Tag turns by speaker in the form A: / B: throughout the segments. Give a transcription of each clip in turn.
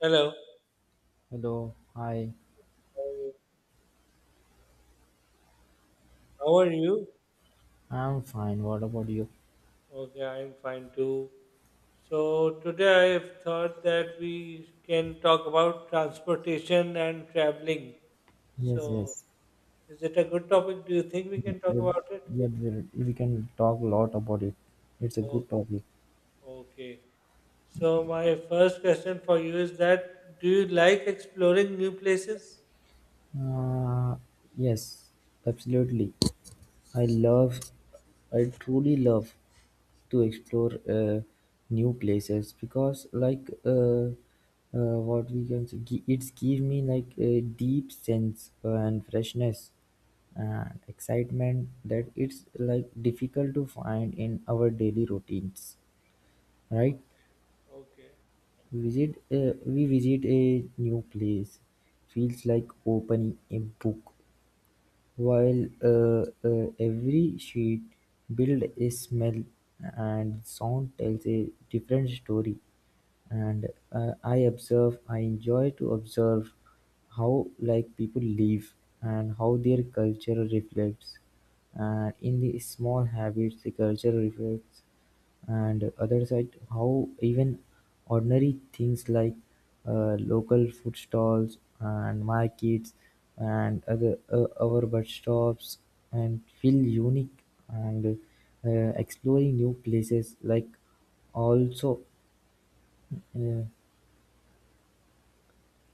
A: Hello,
B: Hello, hi.
A: how are you? How are you?
B: I'm fine. What about you?
A: Okay, I'm fine too. So, today I have thought that we can talk about transportation and traveling.
B: Yes,
A: So,
B: yes.
A: is it a good topic? Do you think we
B: Yeah,
A: can talk
B: uh,
A: about it?
B: yeah, we can talk a lot about it. It's a
A: Oh,
B: good topic.
A: okay. So, my first question for you is that do you like exploring new places?
B: Uh, yes, absolutely. I love, I truly love to explore new places because, what we can say, it's give me like a deep sense and freshness and excitement that it's like difficult to find in our daily routines, right.
A: Okay, okay.
B: visit We visit a new place, feels like opening a book while every sheet build is smell and sound tells a different story, and I I enjoy to observe how like people live and how their culture reflects, and in the small habits the culture reflects. And other side, how even ordinary things like local food stalls and markets and other our bus stops and feel unique. And uh, exploring new places also uh,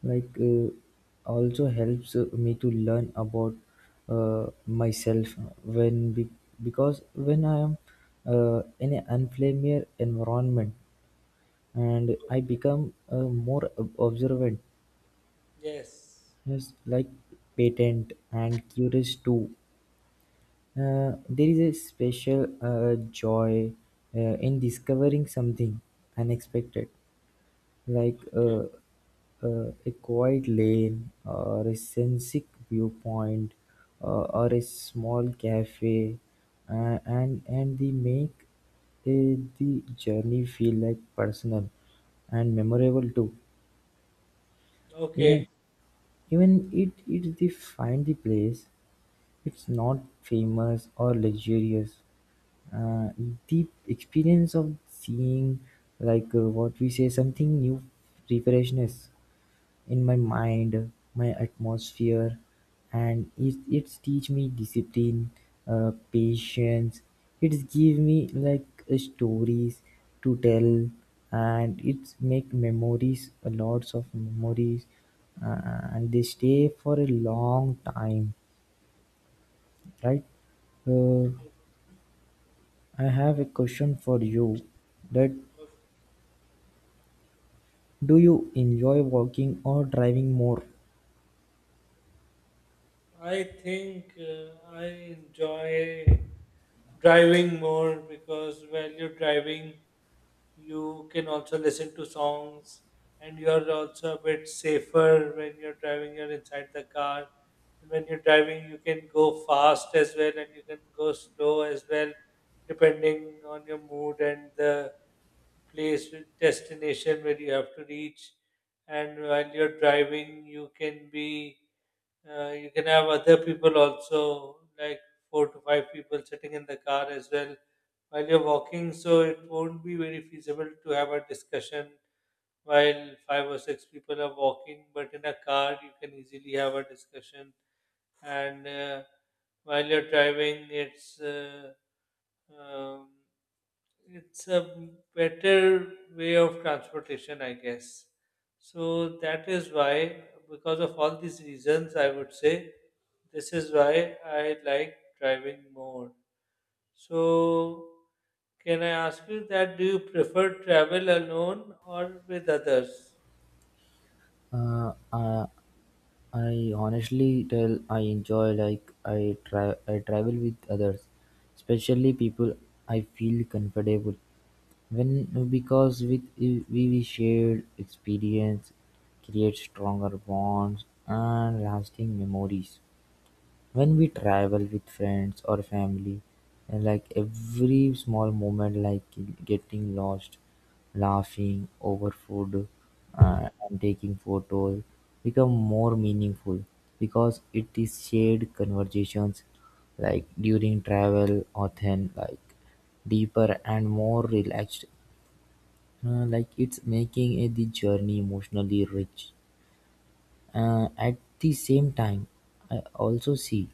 B: like also helps me to learn about myself when be- because when I am in an unfamiliar environment, and I become a more observant,
A: Yes.
B: yes, like patient and curious too. There is a special joy in discovering something unexpected, like a quiet lane or a scenic viewpoint or a small cafe, and they make the journey feel like personal and memorable too,
A: Okay,
B: even. Even it the find the place, it's not famous or luxurious. Uh, the experience of seeing like what we say something new, refreshness in my mind, my atmosphere, and it's teach me discipline, patience. It's give me like stories to tell, and it's make memories, a lots of memories, uh, and they stay for a long time, right? Uh, I have a question for you. That
A: okay.
B: do you enjoy walking or driving more?
A: I think I enjoy driving more because while you're driving, you can also listen to songs, and you're also a bit safer when you're driving, you're inside the car. And when you're driving, you can go fast as well and you can go slow as well, depending on your mood and the place, destination where you have to reach. And while you're driving, you can have other people also, like four to five people sitting in the car as well, while you're walking, so it won't be very feasible to have a discussion while five or six people are walking, but in a car you can easily have a discussion. And while you're driving, um, it's a better way of transportation, I guess. So that is why, because of all these reasons, I would say this is why I like driving more. So, can I ask you that do you prefer travel alone or with others?
B: Uh, uh, I honestly tell I enjoy like I travel with others, especially people I feel comfortable when, because we shared experience, create stronger bonds and lasting memories. When we travel with friends or family, I like every small moment, like getting lost, laughing over food, and taking photos, become more meaningful, because it is shared conversations like during travel or then like deeper and more relaxed. Like it's making the journey emotionally rich. At the same time, I also see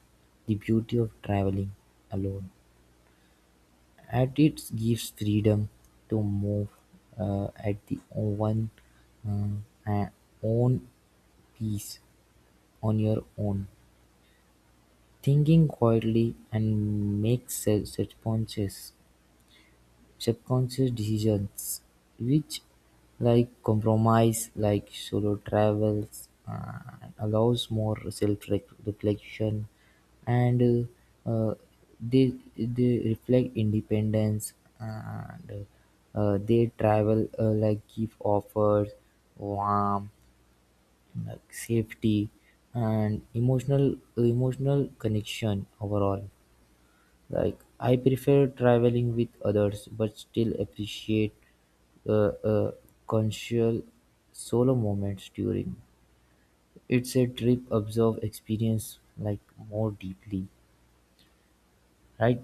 B: the beauty of traveling alone. At it gives freedom to move at the one uh, uh, own peace on your own, thinking quietly and make such responses. Subconscious decisions, which, like compromise, like solo travels, allows more self-reflection, and uh, uh, they they reflect independence, and they travel like give offers, warmth, like safety, and emotional connection overall. Like I prefer traveling with others, but still appreciate uh, uh, consensual solo moments during. It's a trip observe experience like more deeply, right?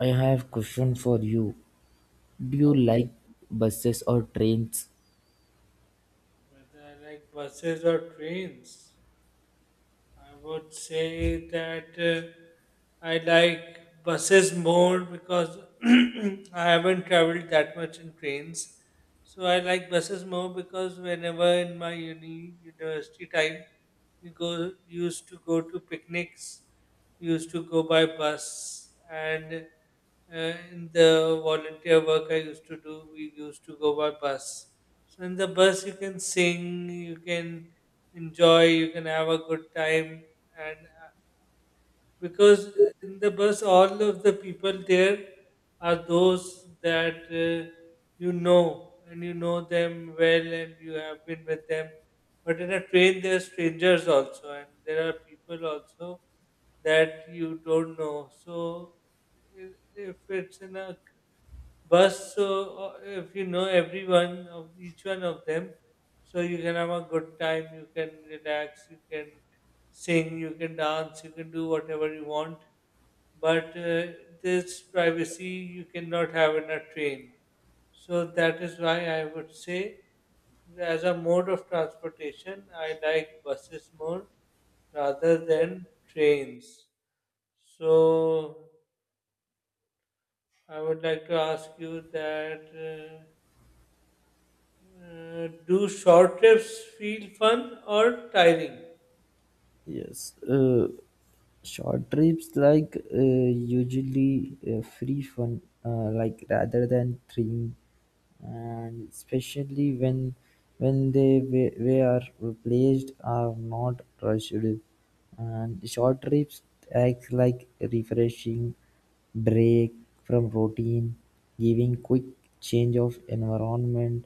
B: I have question for you. Do you like
A: Okay.
B: buses or trains?
A: Whether I like buses or trains? I would say that I like buses more because I haven't traveled that much in trains. So I like buses more because whenever in my university time, we go used to go to picnics, used to go by bus, and in the volunteer work I used to do, we used to go by bus. So in the bus, you can sing, you can enjoy, you can have a good time. And because in the bus, all of the people there are those that you know, and you know them well and you have been with them. But in a train, there are strangers also, and there are people also that you don't know. So if it's in a bus. So if you know everyone of each one of them, so you can have a good time. You can relax. You can sing. You can dance. You can do whatever you want. But this privacy you cannot have in a train. So that is why I would say, as a mode of transportation, I like buses more rather than trains. So I would like to ask you that. Do short trips feel fun or tiring?
B: Yes, short trips like usually free fun, like rather than thrilling, and especially when they we are replaced are not rushed, and short trips act like refreshing break from routine, giving quick change of environment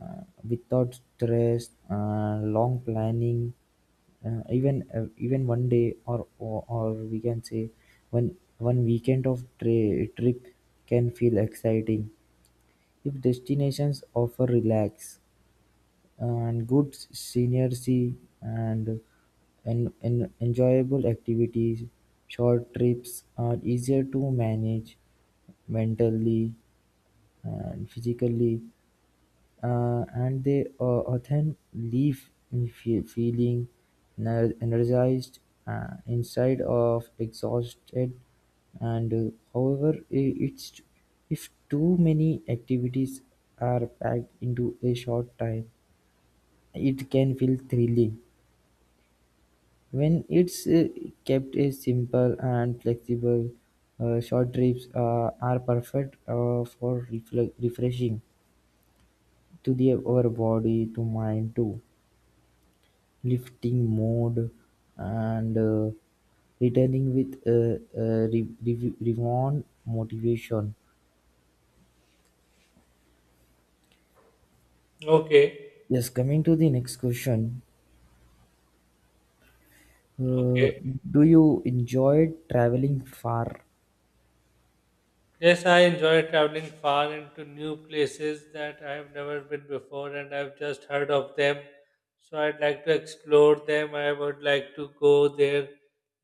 B: uh, without stress, long planning. Even one day, or we can say one weekend of trip can feel exciting if destinations offer relax and good scenery and and enjoyable activities. Short trips are easier to manage mentally and physically, and they often leave me feeling energized, inside of exhausted. And however, it's if too many activities are packed into a short time, it can feel thrilling. When it's kept a simple and flexible, short trips are perfect for refreshing to the our body to mind too, lifting mode, and returning with reborn motivation.
A: Okay,
B: Yes, coming to the next question. Uh,
A: okay.
B: do you enjoy traveling far?
A: Yes, I enjoy traveling far into new places that I have never been before and I've just heard of them. So I'd like to explore them. I would like to go there.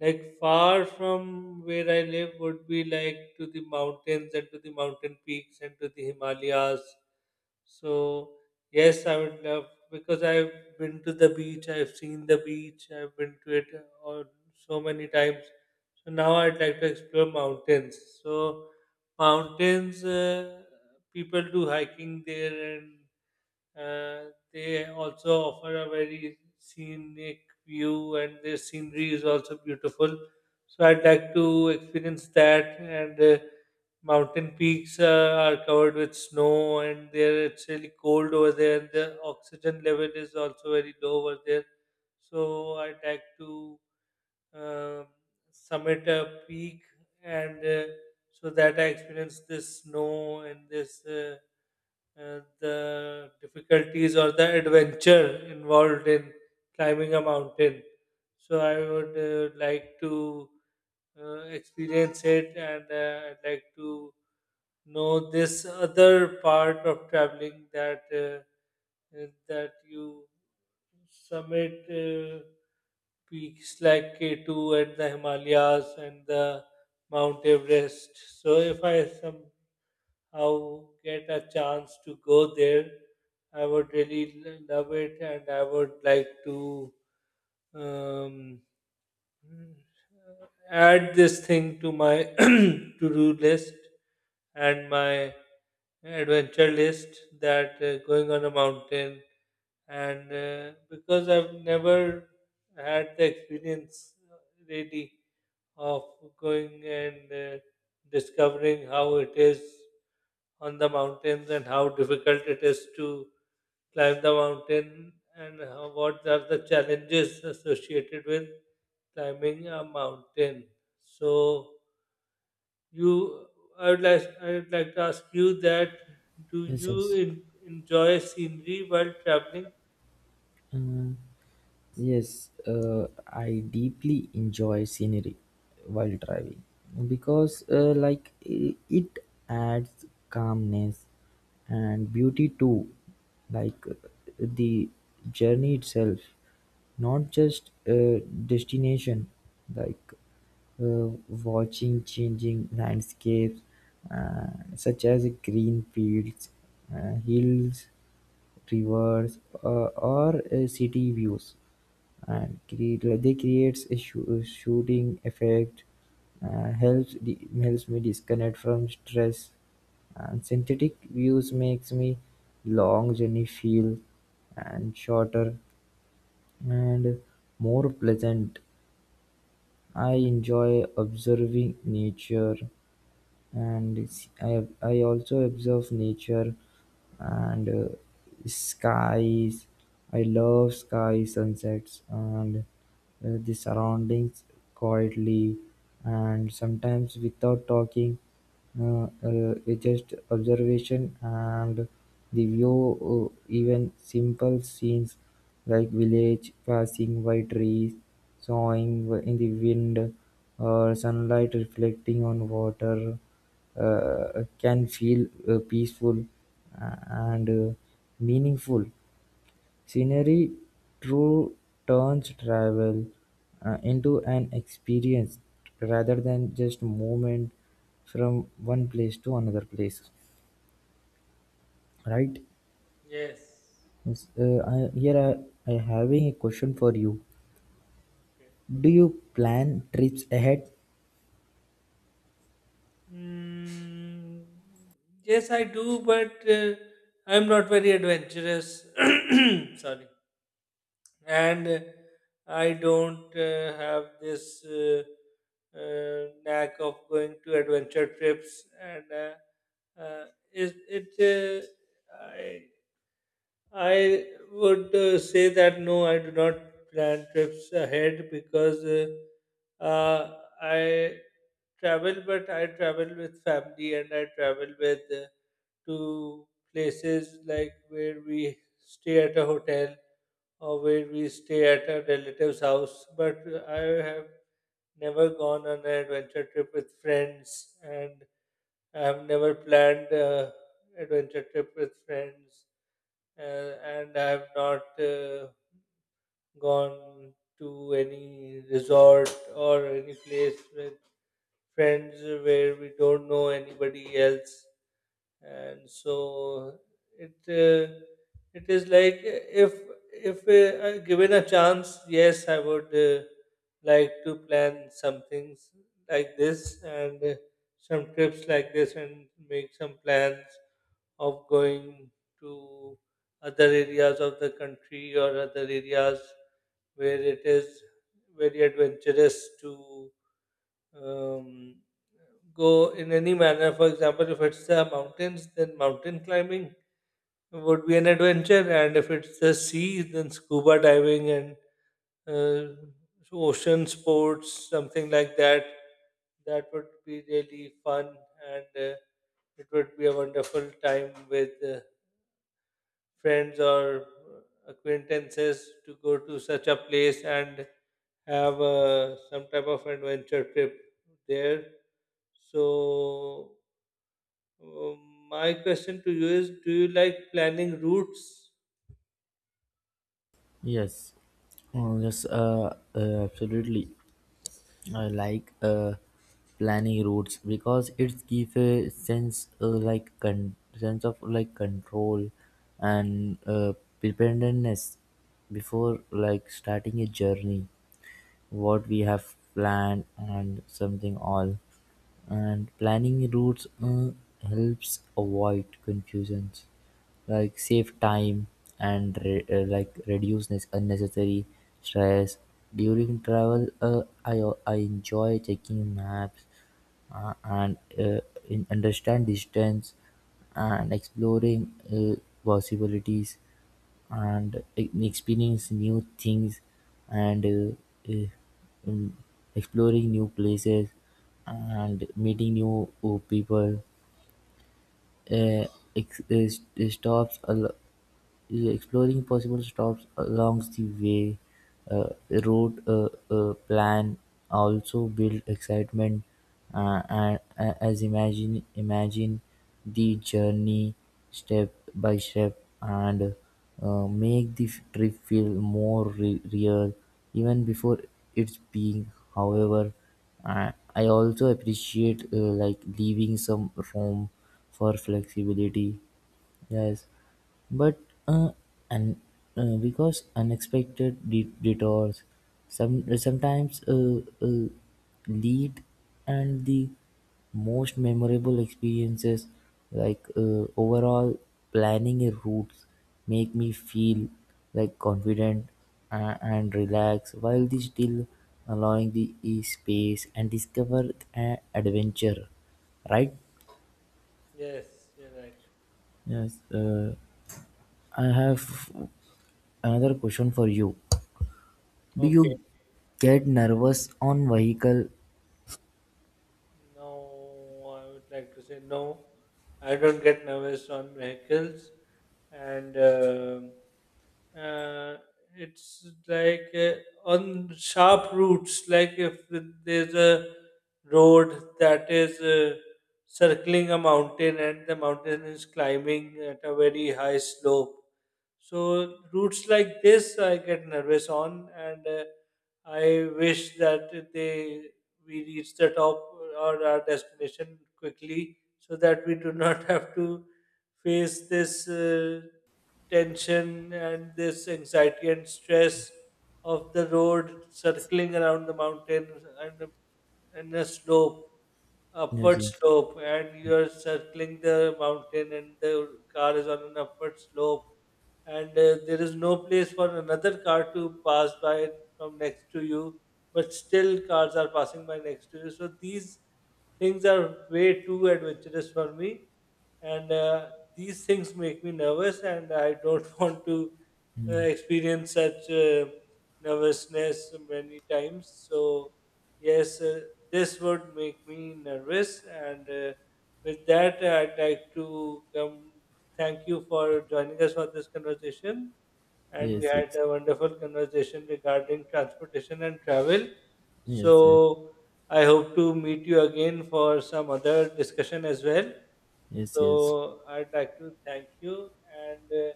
A: Like, far from where I live would be like to the mountains and to the mountain peaks and to the Himalayas. So yes, I would love, because I've been to the beach, I've seen the beach, I've been to it, so many times. So now I'd like to explore mountains. So mountains, people do hiking there, and they also offer a very scenic view, and their scenery is also beautiful, so I'd like to experience that. And mountain peaks are covered with snow, and there it's really cold over there, and the oxygen level is also very low over there. So I'd like to um, summit a peak, and so that I experienced this snow and this, the difficulties or the adventure involved in climbing a mountain. So I would like to experience it, and I'd like to know this other part of traveling, that you summit. Uh, peaks like K2 and the Himalayas and the Mount Everest. So if I somehow get a chance to go there, I would really love it, and I would like to um, add this thing to my to-do list and my adventure list, that going on a mountain. And because I've never had the experience, really, of going and discovering how it is on the mountains, and how difficult it is to climb the mountain, and how, what are the challenges associated with climbing a mountain. So you, I would like to ask you that: do
B: Yes,
A: you
B: yes.
A: enjoy scenery while traveling?
B: Uh, Yes, I deeply enjoy scenery while driving because, it adds calmness and beauty to, like, uh, the journey itself, not just a destination. Like, uh, Watching changing landscapes, uh, such as green fields, hills, rivers, or city views, and create like they creates a shooting effect, and helps me disconnect from stress. And synthetic views makes me long journey feel and shorter and more pleasant. I enjoy observing nature, and I also observe nature and skies. I love sky sunsets and the surroundings quietly and sometimes without talking. uh, uh, it's just observation and the view. Even simple scenes like village passing by, trees sawing in the wind, or sunlight reflecting on water, can feel peaceful and meaningful. Scenery true turns travel into an experience rather than just movement from one place to another place. Right?
A: Yes.
B: Here I having a question for you.
A: Okay.
B: Do you plan trips ahead?
A: Mm, yes, I do, but I'm not very adventurous. Sorry. And I don't have this, knack of going to adventure trips. And uh, it, it I would say that no, I do not plan trips ahead, because I travel, but I travel with family, and I travel with, to places like where we stay at a hotel or where we stay at a relative's house. But I have never gone on an adventure trip with friends, and I have never planned a adventure trip with friends, uh, and I have not gone to any resort or any place with friends where we don't know anybody else. And so it uh, it is like, if I given a chance, yes, I would like to plan some things like this, and some trips like this, and make some plans of going to other areas of the country, or other areas where it is very adventurous to um, go in any manner. For example, if it's the mountains, then mountain climbing would be an adventure, and if it's the sea, then scuba diving, and uh, ocean sports, something like that. That would be really fun, and it would be a wonderful time with friends or acquaintances, to go to such a place and have some type of adventure trip there. So, my question to you is, do you like planning routes?
B: Yes. Oh, yes, absolutely. I like planning routes because it gives a sense of like control and preparedness before like starting a journey, what we have planned and something all. And planning routes helps avoid confusions, like save time and like reduce unnecessary stress during travel. I enjoy checking maps and in understand distance and exploring possibilities and experience new things and um, exploring new places and meeting new people, uh, stops a lot. Yeah, exploring possible stops along the way, route plan also build excitement and as imagine imagine the journey step by step and make the trip feel more real even before it's being. However, I also appreciate like leaving some room for flexibility, yes. But uh, and uh, because unexpected detours sometimes lead and the most memorable experiences. Like overall, planning a route make me feel like confident and relaxed, while the still allowing the space and discover an adventure, right?
A: Yes, you're right.
B: Yes, I have another question for you. Do
A: Okay.
B: you get nervous on vehicle?
A: No, I would like to say no. I don't get nervous on vehicles, and uh, it's like, on sharp routes, like if there's a road that is circling a mountain and the mountain is climbing at a very high slope, so routes like this, I get nervous on, and I wish that they we reach the top or our destination quickly, so that we do not have to face this tension and this anxiety and stress of the road circling around the mountain, and and a slope
B: Yes,
A: upward
B: yes,
A: slope, and you're circling the mountain, and the car is on an upward slope, and there is no place for another car to pass by from next to you, but still cars are passing by next to you. So these things are way too adventurous for me, and these things make me nervous, and I don't want to experience such nervousness many times. So, yes, this would make me nervous, and with that, I'd like to come. Thank you for joining us for this conversation, and we
B: yes,
A: had
B: yes,
A: a wonderful conversation regarding transportation and travel.
B: yes,
A: So, I hope to meet you again for some other discussion as well.
B: yes, yes, yes,
A: So, I'd like to thank you, and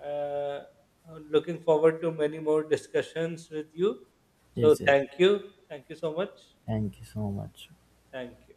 A: uh, uh, I'm looking forward to many more discussions with you. So,
B: yes, yes.
A: thank you. Thank you so much.
B: Thank you so much.
A: Thank you.